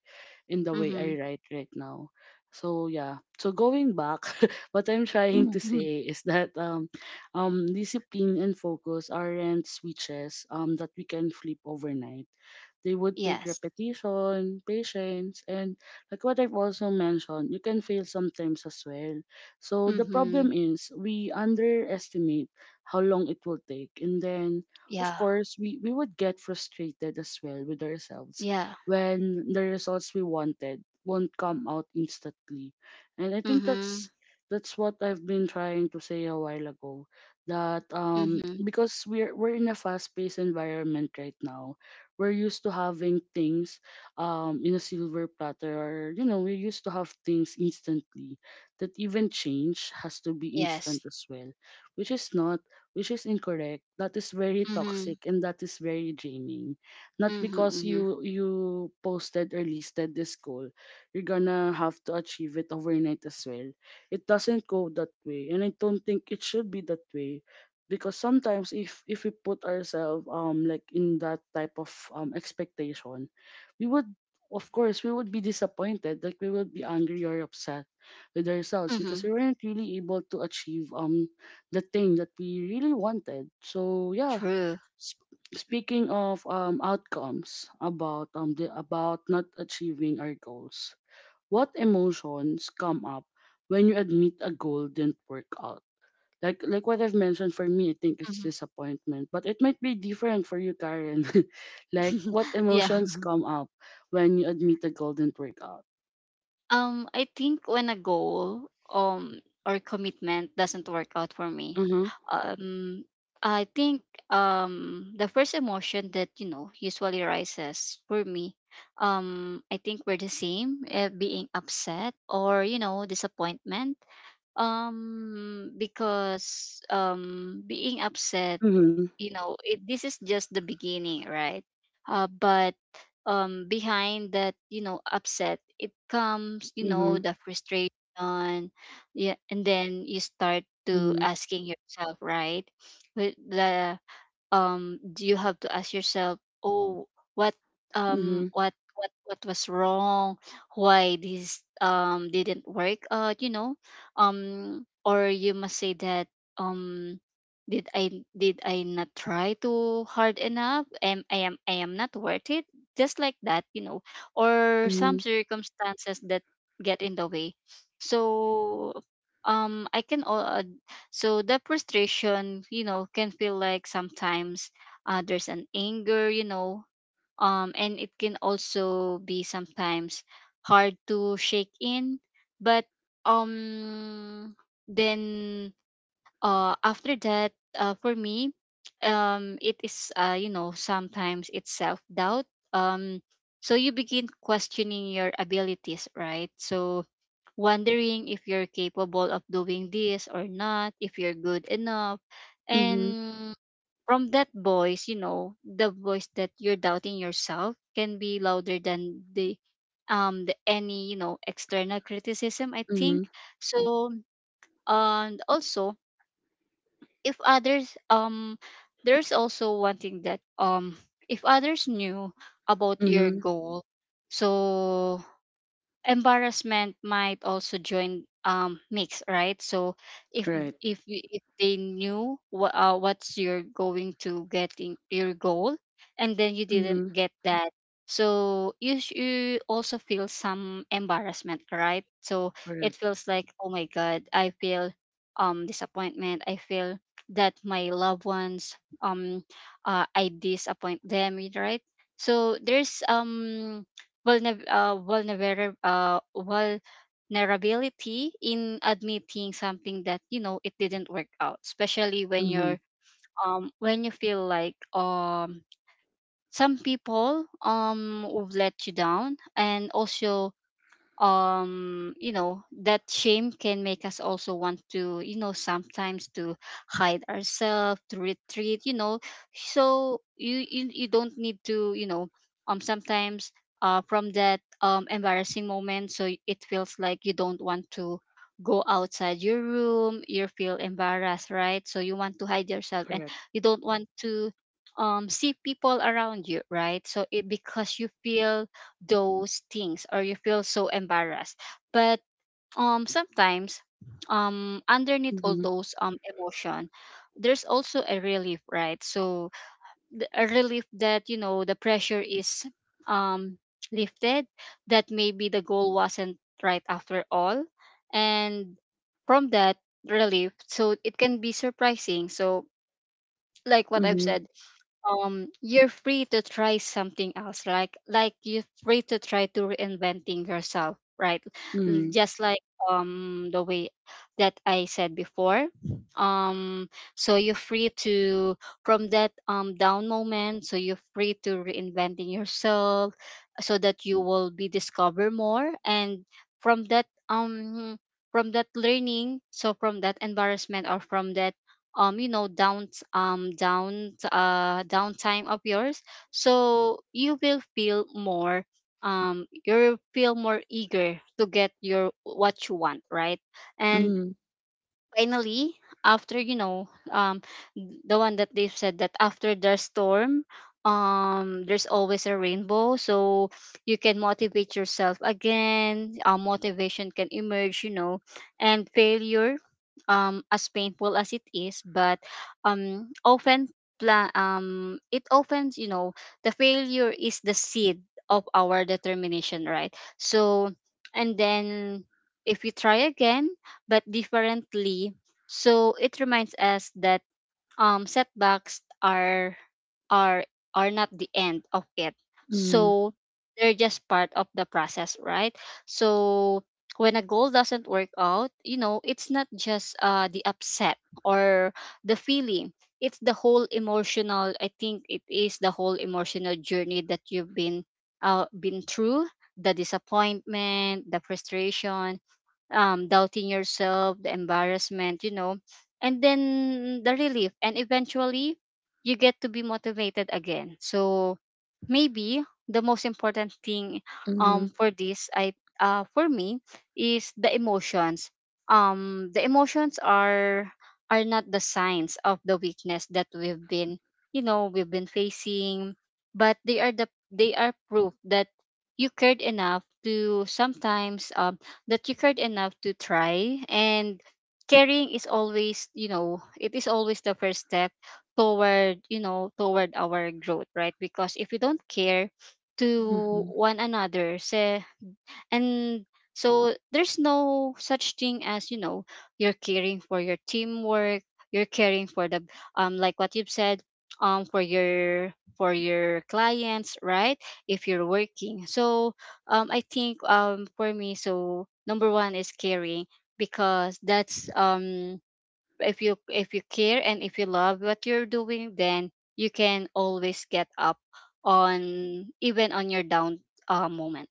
in the way I Mhm. write right now. So yeah, so going back, what I'm trying to Mhm. say is that discipline and focus aren't switches that we can flip overnight. They would take Yes. repetition, patience, and like what I've also mentioned, you can fail sometimes as well. So the Mhm. problem is we underestimate how long it will take. And then, of Yeah. course, we would get frustrated as well with ourselves Yeah. when the results we wanted won't come out instantly. And I think Mhm. that's what I've been trying to say a while ago, that Mhm. because we're in a fast paced environment right now, we're used to having things in a silver platter, or you know, we're used to have things instantly, that even change has to be instant Yes. as well. Which is not, which is incorrect. That is very toxic Mhm. and that is very draining. Not Mhm, because mhm, you posted or listed this goal, you're gonna have to achieve it overnight as well. It doesn't go that way, and I don't think it should be that way. Because sometimes if we put ourselves like in that type of expectation, we would, of course we would be disappointed. Like we would be angry or upset with ourselves because mhm. we weren't really able to achieve the thing that we really wanted. So yeah, True. Speaking of outcomes about the about not achieving our goals, what emotions come up when you admit a goal didn't work out? Like what I've mentioned, for me, I think it's Mhm. disappointment. But it might be different for you, Karen. Like what Yeah. emotions come up when you admit a goal didn't work out? I think when a goal or commitment doesn't work out for me, Uh-huh. um, I think the first emotion that, you know, usually rises for me, I think we're the same, being upset or, you know, disappointment. Because being upset, Mm-hmm. you know, this is just the beginning, right? But behind that, you know, upset, it comes, you Mm-hmm. know, the frustration. Yeah. And then you start to Mm-hmm. asking yourself, right, with the, do you have to ask yourself, oh, what, Mm-hmm. What was wrong, why this didn't work, you know, or you must say that, um did i did I not try too hard enough? Am i am i am not worth it? Just like that, you know, or Mm-hmm. some circumstances that get in the way. So, um i can al- uh, so the frustration, you know, can feel like sometimes, there's an anger, you know, and it can also be sometimes hard to shake in. But, um, then, after that, for me, it is, you know, sometimes it's self doubt. Um, so you begin questioning your abilities, right? So wondering if you're capable of doing this or not, if you're good enough. Mm-hmm. And from that voice, you know, the voice that you're doubting yourself can be louder than the, any, you know, external criticism, I Mm-hmm. think. So and also if others, there's also one thing that, if others knew about your Mm-hmm. goal, so embarrassment might also join mix, right? So if Right. If they knew what, what's you're going to get in your goal, and then you didn't Mm-hmm. get that, so you also feel some embarrassment, right? So it Correct. feels like, oh my god, I feel disappointment, I feel that my loved ones, um I disappoint them, right? So there's vulnerability in admitting something that, you know, it didn't work out, especially when Mm-hmm. you're when you feel like some people would let you down. And also, you know, that shame can make us also want to, you know, sometimes to hide ourselves, to retreat, you know. So you don't need to, you know, sometimes, from that embarrassing moment, so it feels like you don't want to go outside your room, you feel embarrassed, right? So you want to hide yourself and Correct. you don't want to see people around you, right? So it, because you feel those things or you feel so embarrassed. But, sometimes, underneath all Mm-hmm. those emotion, there's also a relief, right? So a relief that, you know, the pressure is, um lifted, that maybe the goal wasn't right after all. And from that relief, so it can be surprising. So like what I've Mm-hmm. said, you're free to try something else, like you're free to try to reinventing yourself, right? Mm-hmm. Just like the way that I said before, um so you're free to, from that down moment, so you're free to reinventing yourself, so that you will be discover more. And from that, from that learning, so from that embarrassment, or from that you know, down downtime of yours, so you will feel more, you will feel more eager to get your what you want, right? And Mm-hmm. finally, after, you know, the one that they've said, that after the storm, there's always a rainbow. So you can motivate yourself again, motivation can emerge, you know. And failure, as painful as it is, but, often, it often, you know, the failure is the seed of our determination, right? So and then if you try again, but differently. So it reminds us that, setbacks are are not the end of it. Mm-hmm. So they're just part of the process, right? So when a goal doesn't work out, you know, it's not just, the upset or the feeling. It's the whole emotional, I think it is the whole emotional journey that you've been through, the disappointment, the frustration, doubting yourself, the embarrassment, you know, and then the relief. And eventually, you get to be motivated again. So maybe the most important thing, Mm-hmm. for this, I for me, is the emotions. The emotions are not the signs of the weakness that we've been, you know, we've been facing, but they are the, they are proof that you cared enough to sometimes, that you cared enough to try. And caring is always, you know, it is always the first step toward, you know, toward our growth, right? Because if we don't care to Mm-hmm. one another, and so there's no such thing as, you know, you're caring for your teamwork, you're caring for the, like what you've said, for your, for your clients, right, if you're working. So, I think for me, so number one is caring, because that's, if you, if you care, and if you love what you're doing, then you can always get up, on even on your down, moment.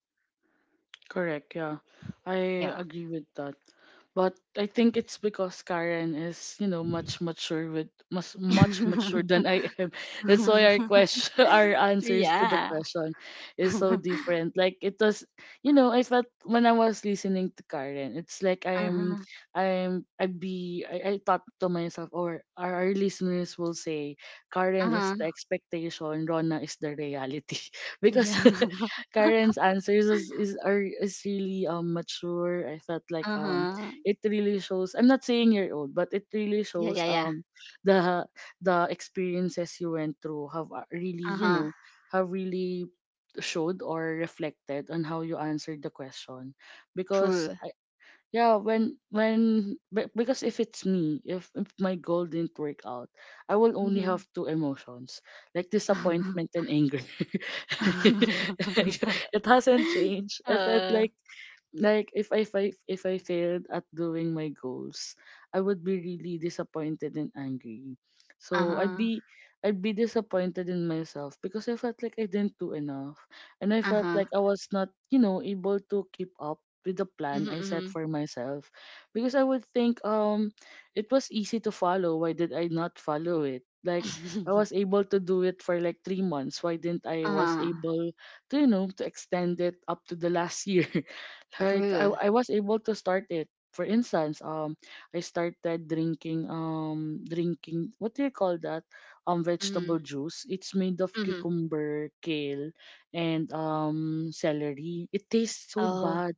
Correct, yeah. I Yeah. agree with that. But I think it's because Karen is, you know, much mature with, much much mature than I am. That's why our question our answers to the Yeah. question is so different. Like it was, you know, I felt when I was listening to Karen, it's like Uh-huh. I'd be I thought to myself, or our listeners will say Karen is Uh-huh. the expectation, Rona is the reality. Because Yeah. Karen's answers is are is really mature. I felt like Uh-huh. it really shows. I'm not saying you're old, but it really Yeah, yeah, shows yeah. The the experiences you went through have really, you Uh-huh. know, have really showed or reflected on how you answered the question. Because True. yeah, because if it's me, if my goal didn't work out, I will only Mm-hmm. have two emotions, like disappointment and anger. It hasn't changed, I felt Uh, like if if I failed at doing my goals, I would be really disappointed and angry. So I'd uh-huh. be, I'd be disappointed in myself because I felt like I didn't do enough, and I felt Uh-huh. like I was not, you know, able to keep up with the plan I set Mm-hmm. for myself, because I would think it was easy to follow. Why did I not follow it? Like I Mm-hmm. was able to do it for like 3 months. Why didn't I was Uh, able to you know to extend it up to the last year. Like true. I was able to start it, for instance, I started drinking what do you call that, Mm-hmm. vegetable juice. It's made of Mm-hmm. cucumber, kale, and celery. It tastes so Oh, bad.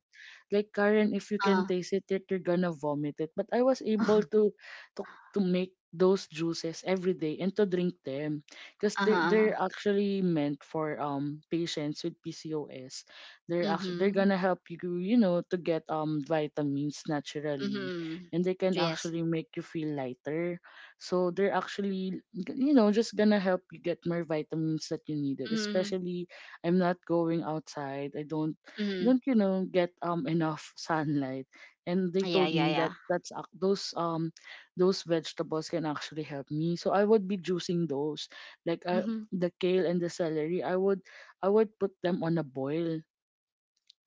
Like Karen, if you can uh, taste it, you're gonna vomit it. But I was able to to make those juices every day and to drink them because uh-huh. they're actually meant for patients with PCOS. They're actually they're Mm-hmm. gonna help you, you know, to get vitamins naturally, Mm-hmm. and they can Yes. actually make you feel lighter. So they're actually, you know, just gonna help you get more vitamins that you needed. Mm-hmm. Especially, I'm not going outside. I don't Mm-hmm. don't you know get enough sunlight, and they Yeah, told yeah, me that yeah. that's those vegetables can actually help me. So I would be juicing those, like Mm-hmm. the kale and the celery, I would, I would put them on a boil,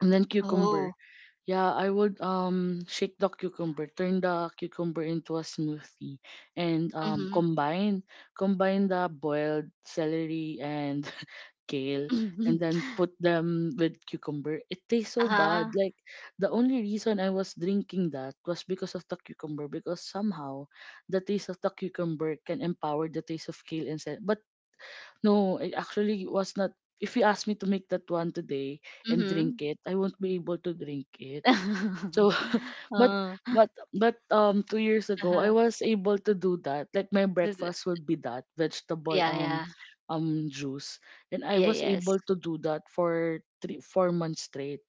and then cucumber. Oh. Yeah, I would shake the cucumber, turn the cucumber into a smoothie, and Mm-hmm. combine, combine the boiled celery and kale, and then put them with cucumber. It tastes so bad. Uh-huh. Like the only reason I was drinking that was because of the cucumber, because somehow the taste of the cucumber can empower the taste of kale and said. But no, it actually was not. If you ask me to make that one today and Mhm. drink it, I won't be able to drink it. So, but Oh, 2 years ago, I uh-huh. was able to do that. Like my The breakfast would be that vegetable yeah, yeah. Juice, and I Yeah, was yes. able to do that for 3 4 months straight.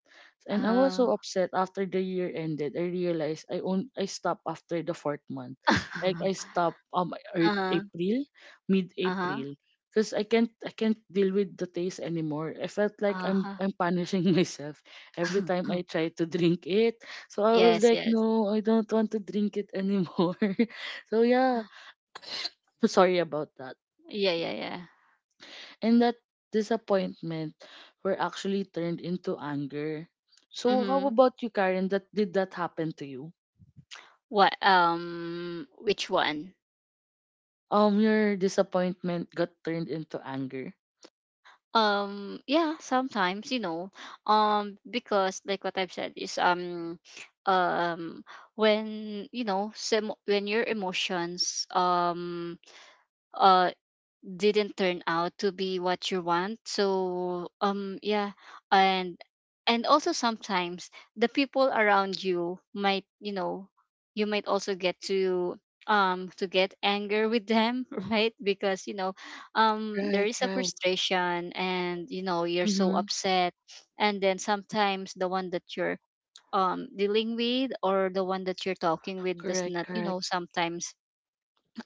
And I was so Oh. upset after the year ended. I realized I stopped after the fourth month. Like I stopped Uh-huh. April, mid Uh-huh. April. Because I can't deal with the taste anymore. I felt like Uh-huh. I'm punishing myself every time I try to drink it. So I was Yes, like, yes. no, I don't want to drink it anymore. So yeah. I'm sorry about that. Yeah, yeah, yeah. And that disappointment were actually turned into anger. So how Mm-hmm. about you, Karen? That did that happen to you? What which one? Your disappointment got turned into anger. Yeah, sometimes, you know. Because like what I've said is, um when you know some when your emotions, uh didn't turn out to be what you want, so, yeah. and and also sometimes the people around you might, you know, you might also get to, to get anger with them, right? Because you know, there Right, is a right. frustration and you know you're so Mm-hmm. upset. And then sometimes the one that you're, dealing with, or the one that you're talking with does Correct, not, you know, correct. sometimes,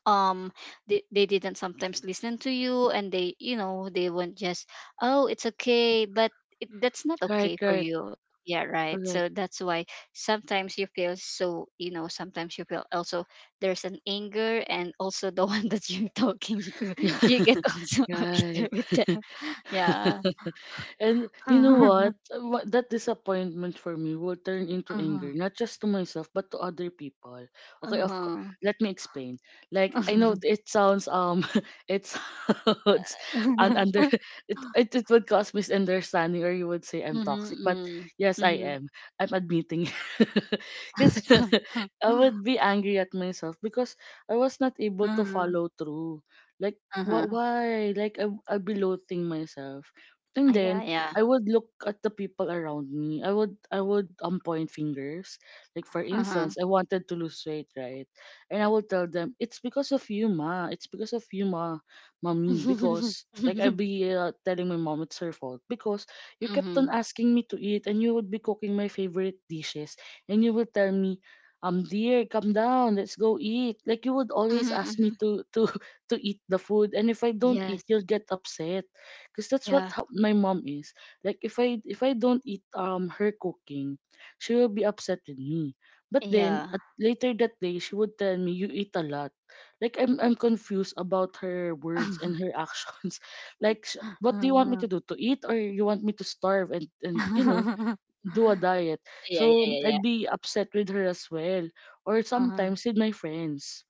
um they didn't sometimes listen to you, and they, you know, they won't just, oh it's okay, but that's not Right, okay for right. you, yeah, right? So Correct. that's why sometimes you feel so, you know, sometimes you feel also there's an anger, and also the one that you're talking to you get also Yeah. angry Right. with them. Yeah. And you know Uh-huh. what? That disappointment for me will turn into anger, Uh-huh. not just to myself, but to other people. Okay, of course. Let me explain. Like I know it sounds it sounds an under Uh-huh. It would cause misunderstanding, or you would say I'm Mm-hmm. toxic. But Mm-hmm. yes, I Mm-hmm. am. I'm admitting, because I would be angry at myself because I was not able to Uh-huh. follow through. Like Uh-huh. why? Like I'll be loathing myself. And Ah, yeah, then yeah. I would look at the people around me. I would point fingers. Like for Uh-huh. instance, I wanted to lose weight, right? And I would tell them, it's because of you, ma. It's because of you, ma, mommy. Because like I'd be telling my mom it's her fault because you kept on Mm-hmm. asking me to eat, and you would be cooking my favorite dishes, and you would tell me. Dear, come down. Let's go eat. Like you would Mm-hmm, always ask mm-hmm. me to to eat the food, and if I don't eat, Yes. you'll get upset because that's what Yeah. how my mom is. Like if I don't eat her cooking, she will be upset with me. But then Yeah. at later that day, she would tell me you eat a lot. Like I'm confused about her words and her actions. Like what do you want me Uh-huh. to do? To eat or you want me to starve and you know do a diet? Yeah, yeah, So yeah, yeah. I'd be upset with her as well. Or Uh-huh. sometimes with my friends,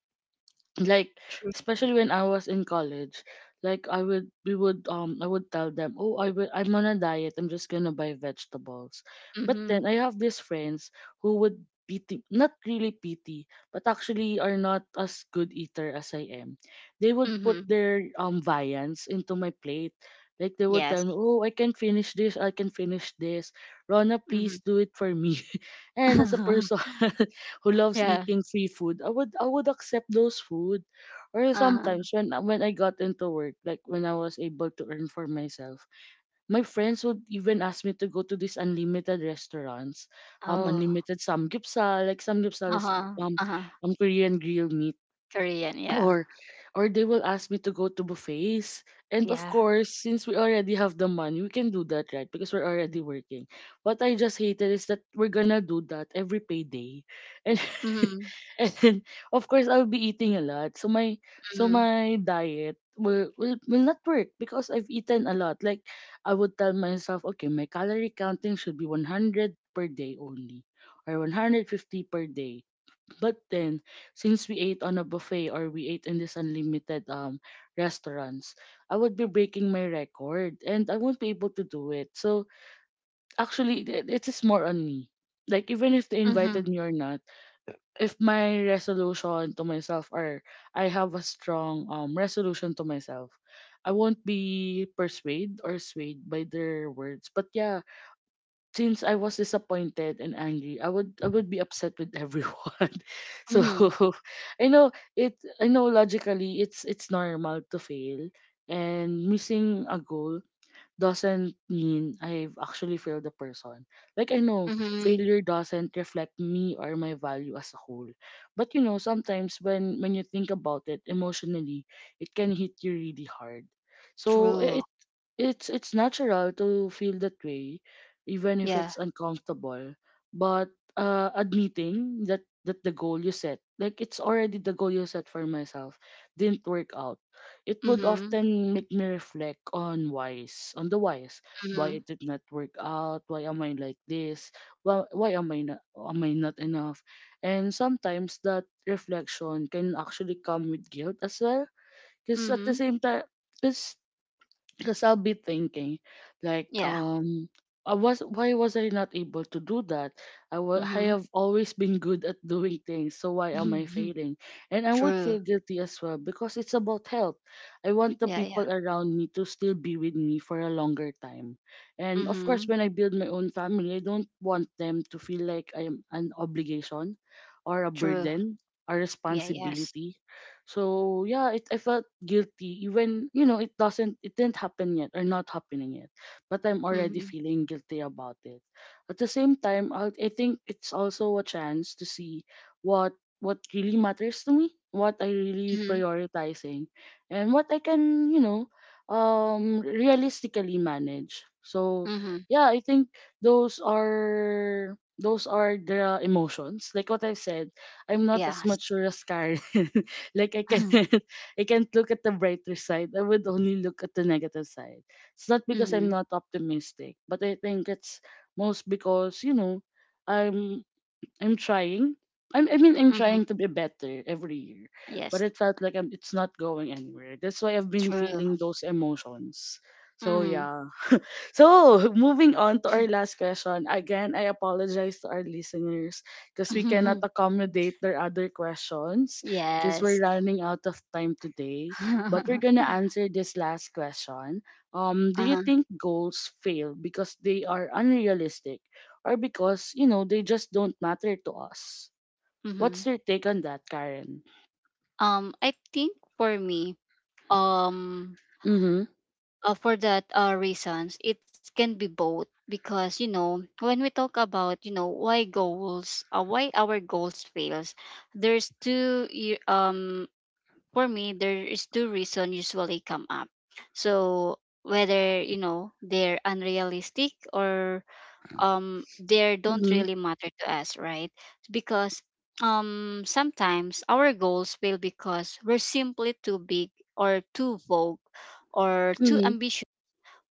like True. especially when I was in college, like I would we would I would tell them, oh I'm on a diet. I'm just gonna buy vegetables. But Mm-hmm. then I have these friends who would be not really pity, but actually are not as good eater as I am. They would put Mm-hmm. their viands into my plate. Like they would Yes. tell me, oh I can finish this. Rona, Mm-hmm. please do it for me. And as a person who loves Yeah. eating free food, I would accept those food. Or Uh-huh. sometimes when I got into work, like when I was able to earn for myself, my friends would even ask me to go to these unlimited restaurants, Oh. unlimited samgyeopsal. Like samgyeopsal is Uh-huh. um, Uh-huh. Korean grilled meat, Korean, yeah. or or they will ask me to go to buffets, and of Yeah. course since we already have the money we can do that, right, because we're already working. What I just hated is that we're gonna do that every payday, and Mm-hmm. and then, of course I'll be eating a lot, so Mm-hmm. my diet will will not work because I've eaten a lot. Like I would tell myself, okay, my calorie counting should be 100 per day only, or 150 per day, but then, since we ate on a buffet or we ate in this unlimited restaurants, I would be breaking my record and I won't be able to do it. So actually, it is more on me. Like even if they Mm-hmm. invited me or not, if my resolution to myself, or I have a strong resolution to myself, I won't be persuaded or swayed by their words. But yeah, since I was disappointed and angry, I would be upset with everyone. So Mm-hmm. I know it I know logically it's normal to fail, and missing a goal doesn't mean I've actually failed the person. Like I know Mm-hmm. failure doesn't reflect me or my value as a whole. But you know, sometimes when you think about it emotionally, it can hit you really hard. So True. It's natural to feel that way, even if Yeah. it's uncomfortable. But admitting that the goal you set, like it's already the goal you set for myself, didn't work out, it would Mm-hmm. often make me reflect on whys, on the whys, why Mm-hmm. it did not work out, why am I like this, why, am I not enough, and sometimes that reflection can actually come with guilt as well, because at the Mm-hmm. same time, because because I'll be thinking like Yeah. I was why was I not able to do that? I Mm-hmm. have always been good at doing things, so why am I Mhm. failing? And I would True. feel guilty as well because it's about health. I want the Yeah, yeah. people around me to still be with me for a longer time. And of course, Mm-hmm. when I build my own family, I don't want them to feel like I am an obligation or a True. burden, a Yeah, yes. responsibility, so yeah, I felt guilty even you know it doesn't it didn't happen yet or not happening yet, but I'm already Mm-hmm. feeling guilty about it. At the same time, I think it's also a chance to see what what really matters to me, what I really Mm-hmm. prioritizing, and what I can you know realistically manage. So Mm-hmm. yeah, I think those are the emotions. Like what I've said, I'm not as Yes. mature as Karen, like I can't I can't look at the brighter side. I would only look at the negative side. It's not because I'm Mm-hmm. not optimistic, but I think it's most because, you know, I'm I'm trying. I mean, I'm Mm-hmm. trying to be better every year, but Yes. it felt like it's not going anywhere. That's why I've been True. feeling those emotions. So Mm-hmm. yeah, so, moving on to our last question. Again, I apologize to our listeners because we cannot accommodate their other questions because we're Yes. running out of time today. But we're gonna answer this last question. Do you Uh-huh. think goals fail because they are unrealistic, or because, you know, they just don't matter to us? What's Mm-hmm. your take on that, Karen? I think for me, um, Mm-hmm. For that reasons, it can be both because you know, when we talk about you know, why goals, why our goals fails, there's two y- um for me there is two reasons usually come up, so whether you know they're unrealistic or they don't Mm-hmm. really matter to us, right? Because sometimes our goals fail because we're simply too big, or too vogue, or too Mm-hmm. ambitious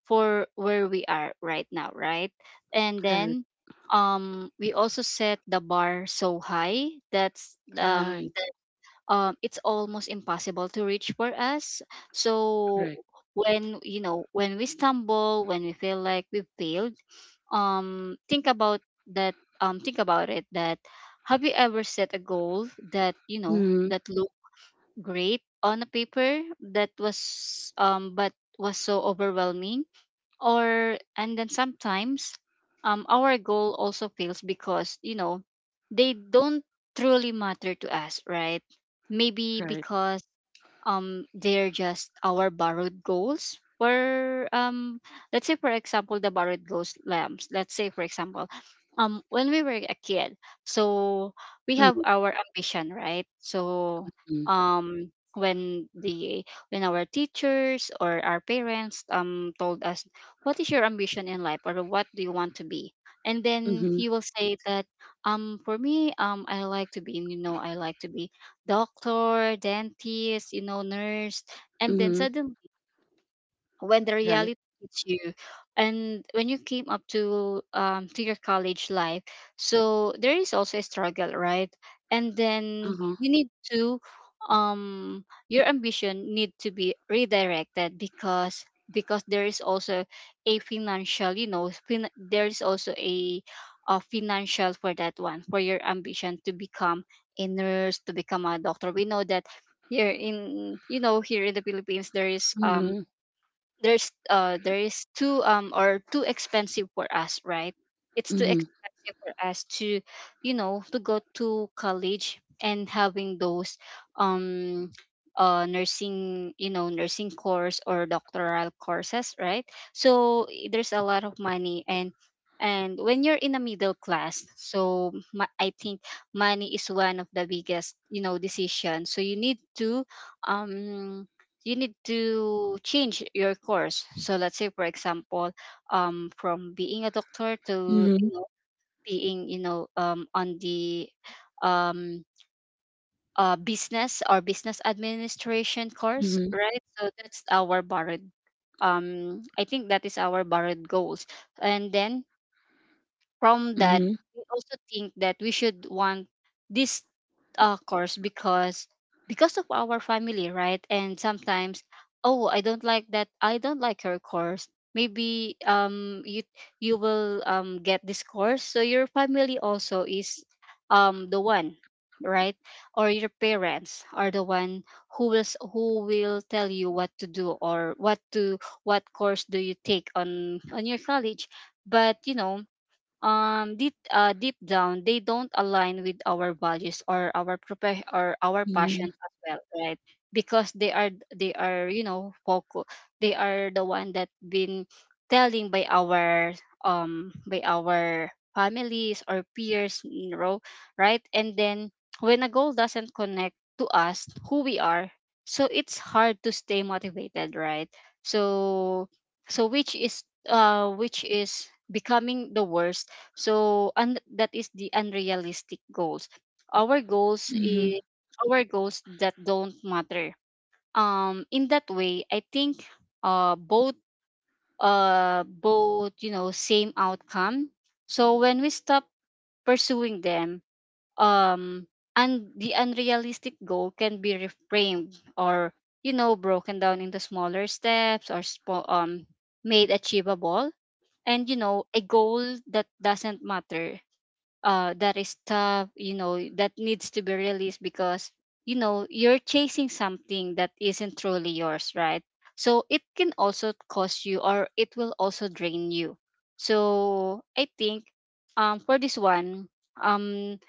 for where we are right now, right? And Right. then we also set the bar so high, that's Right. It's almost impossible to reach for us. So Correct. when you know, when we stumble, when we feel like we failed, think about that. Think about it. That Have you ever set a goal that you know Mm-hmm. that looked great on a paper, that was but was so overwhelming? Or and then sometimes our goal also fails because you know they don't truly matter to us, right? Maybe Right. because they're just our borrowed goals for let's say, for example, the borrowed goals lamps, let's say for example when we were a kid. So we have Mm-hmm. our ambition, right? So Mm-hmm. When the when our teachers or our parents told us, what is your ambition in life, or what do you want to be? And then Mm-hmm. you will say that for me I like to be, you know, I like to be doctor, dentist, you know, nurse. And then Mm-hmm. suddenly when the Right. reality hits you, and when you came up to your college life, so there is also a struggle, right? And then Uh-huh. you need to your ambition need to be redirected because there is also a financial, you know, there is also a financial for that one, for your ambition to become a nurse, to become a doctor. We know that here in you know here in the Philippines there is Mhm. there's there is too or too expensive for us, right? It's too Mhm. expensive for us to you know to go to college and having those um nursing, you know, nursing course or doctoral courses, right? So there's a lot of money, and when you're in a middle class, so I think money is one of the biggest, you know, decision. So um you need to change your course. So let's say, for example, from being a doctor to you Mhm. know being you know on the um, business or business administration course, Mhm. right? So that's our borrowed. I think that is our borrowed goals, and then from that Mhm. we also think that we should want this course because of our family, right? And sometimes, oh I don't like that, I don't like your course, maybe you you will get this course, so your family also is the one, right? Or your parents are the one who who will tell you what to do, or what to what course do you take on your college. But you know deep down they don't align with our values or our or our Mhm. passions as well, right? Because they are you know focus, they are the one that been telling by our families or peers, you know, right? And then when a goal doesn't connect to us who we are, so it's hard to stay motivated, right? So so which is becoming the worst. So and that is the unrealistic goals. Our goals Mhm. is our goals that don't matter. In that way, I think both both you know same outcome. So when we stop pursuing them, um, and the unrealistic goal can be reframed or you know broken down into smaller steps or made achievable. And you know a goal that doesn't matter, that is tough, you know, that needs to be released because, you know, you're chasing something that isn't truly yours, right? So it can also cost you, or it will also drain you. So I think for this one, um,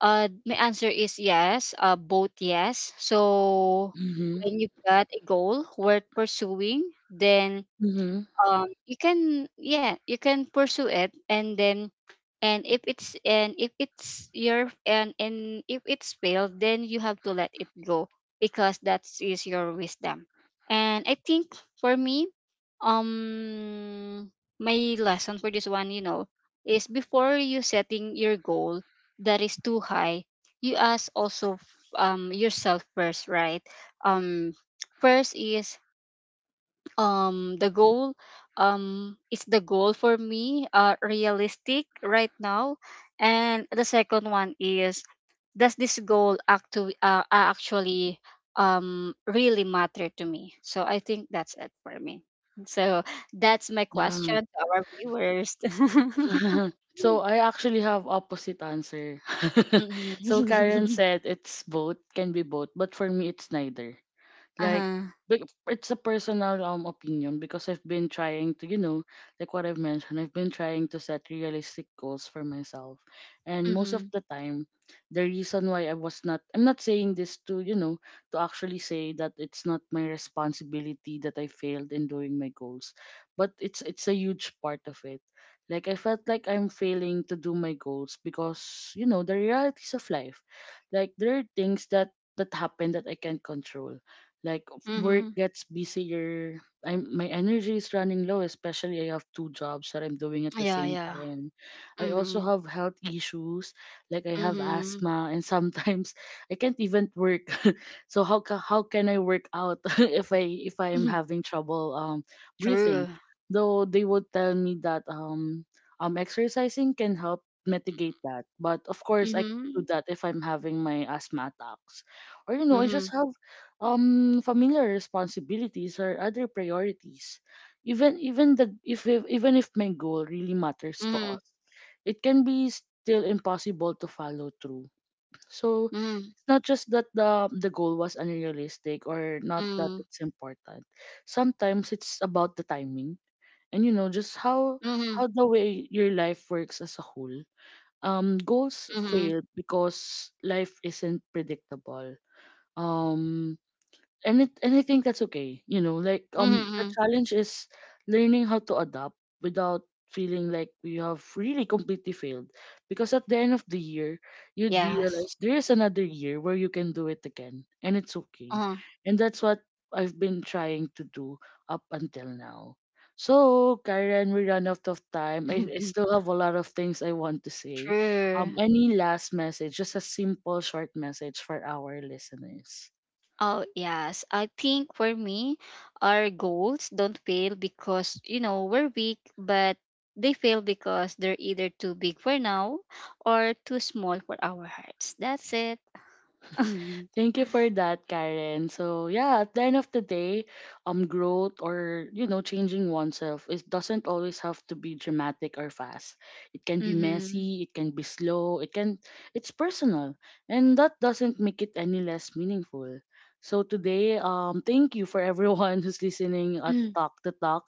my answer is yes, both yes. So Mhm. when you got a goal worth pursuing, then Mhm. You can, yeah, you can pursue it. And then and if it's your and if it's failed, then you have to let it go, because that is your wisdom. And I think for me um my lesson for this one, you know, is before you setting your goal that is too high, you ask also yourself first, right? um first is the goal is the goal for me realistic right now? And the second one is, does this goal actually actually really matter to me? So I think that's it for me. So that's my Yeah. question to our viewers. So I actually have opposite answer. Mhm. So Karen said it's both, can be both, but for me it's neither. Like Uh-huh. It's a personal opinion, because I've been trying to you know, like what I've mentioned, I've been trying to set realistic goals for myself, and most of Mm-hmm. the time the reason why I'm not saying this to you know to actually say that it's not my responsibility that I failed in doing my goals, but it's a huge part of it. Like I felt like I'm failing to do my goals because you know the realities of life, like there are things that happen that I can't control, like work Mm-hmm. gets busier, I'm my energy is running low, especially I have two jobs that I'm doing at the Yeah, same yeah. time. I also Mm-hmm. have health issues, like I have Mm-hmm. asthma, and sometimes I can't even work. So how can I work out if I am having trouble True. breathing? Though they would tell me that exercising can help mitigate that, but of course I can do Mm-hmm. that if I'm having my asthma attacks, or you know I just Mm-hmm. have familiar responsibilities or other priorities. Even the even if my goal really matters to Mm-hmm. us, it can be still impossible to follow through. So Mm, not just that the goal was unrealistic or not that mm, it's important. Sometimes it's about the timing, and you know just how mhm, the way your life works as a whole. Goals mhm, fail because life isn't predictable. Um, and it and I think that's okay. You know, like mhm, the mhm. challenge is learning how to adapt without feeling like we have really completely failed. Because at the end of the year, you'd Yes. realize there is another year where you can do it again, and it's okay. Uh-huh. And that's what I've been trying to do up until now. So, Karen, we run out of time. I still have a lot of things I want to say. True. Any last message, just a simple, short message for our listeners? Oh, yes. I think for me, our goals don't fail because, you know, we're weak, but they fail because they're either too big for now, or too small for our hearts. That's it. Thank you for that, Karen. So yeah, at the end of the day, growth, or you know changing oneself, it doesn't always have to be dramatic or fast. It can be Mm-hmm. messy. It can be slow. It's personal, and that doesn't make it any less meaningful. So today, thank you for everyone who's listening at Mm. Talk to Talk,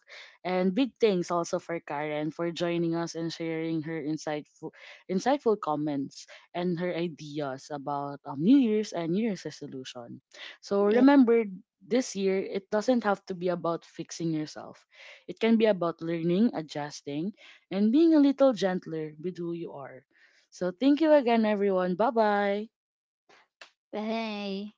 and big thanks also for Karen for joining us and sharing her insightful comments and her ideas about New Year's and New Year's resolution. So Yeah. remember, this year, it doesn't have to be about fixing yourself. It can be about learning, adjusting, and being a little gentler with who you are. So thank you again, everyone. Bye bye. Bye.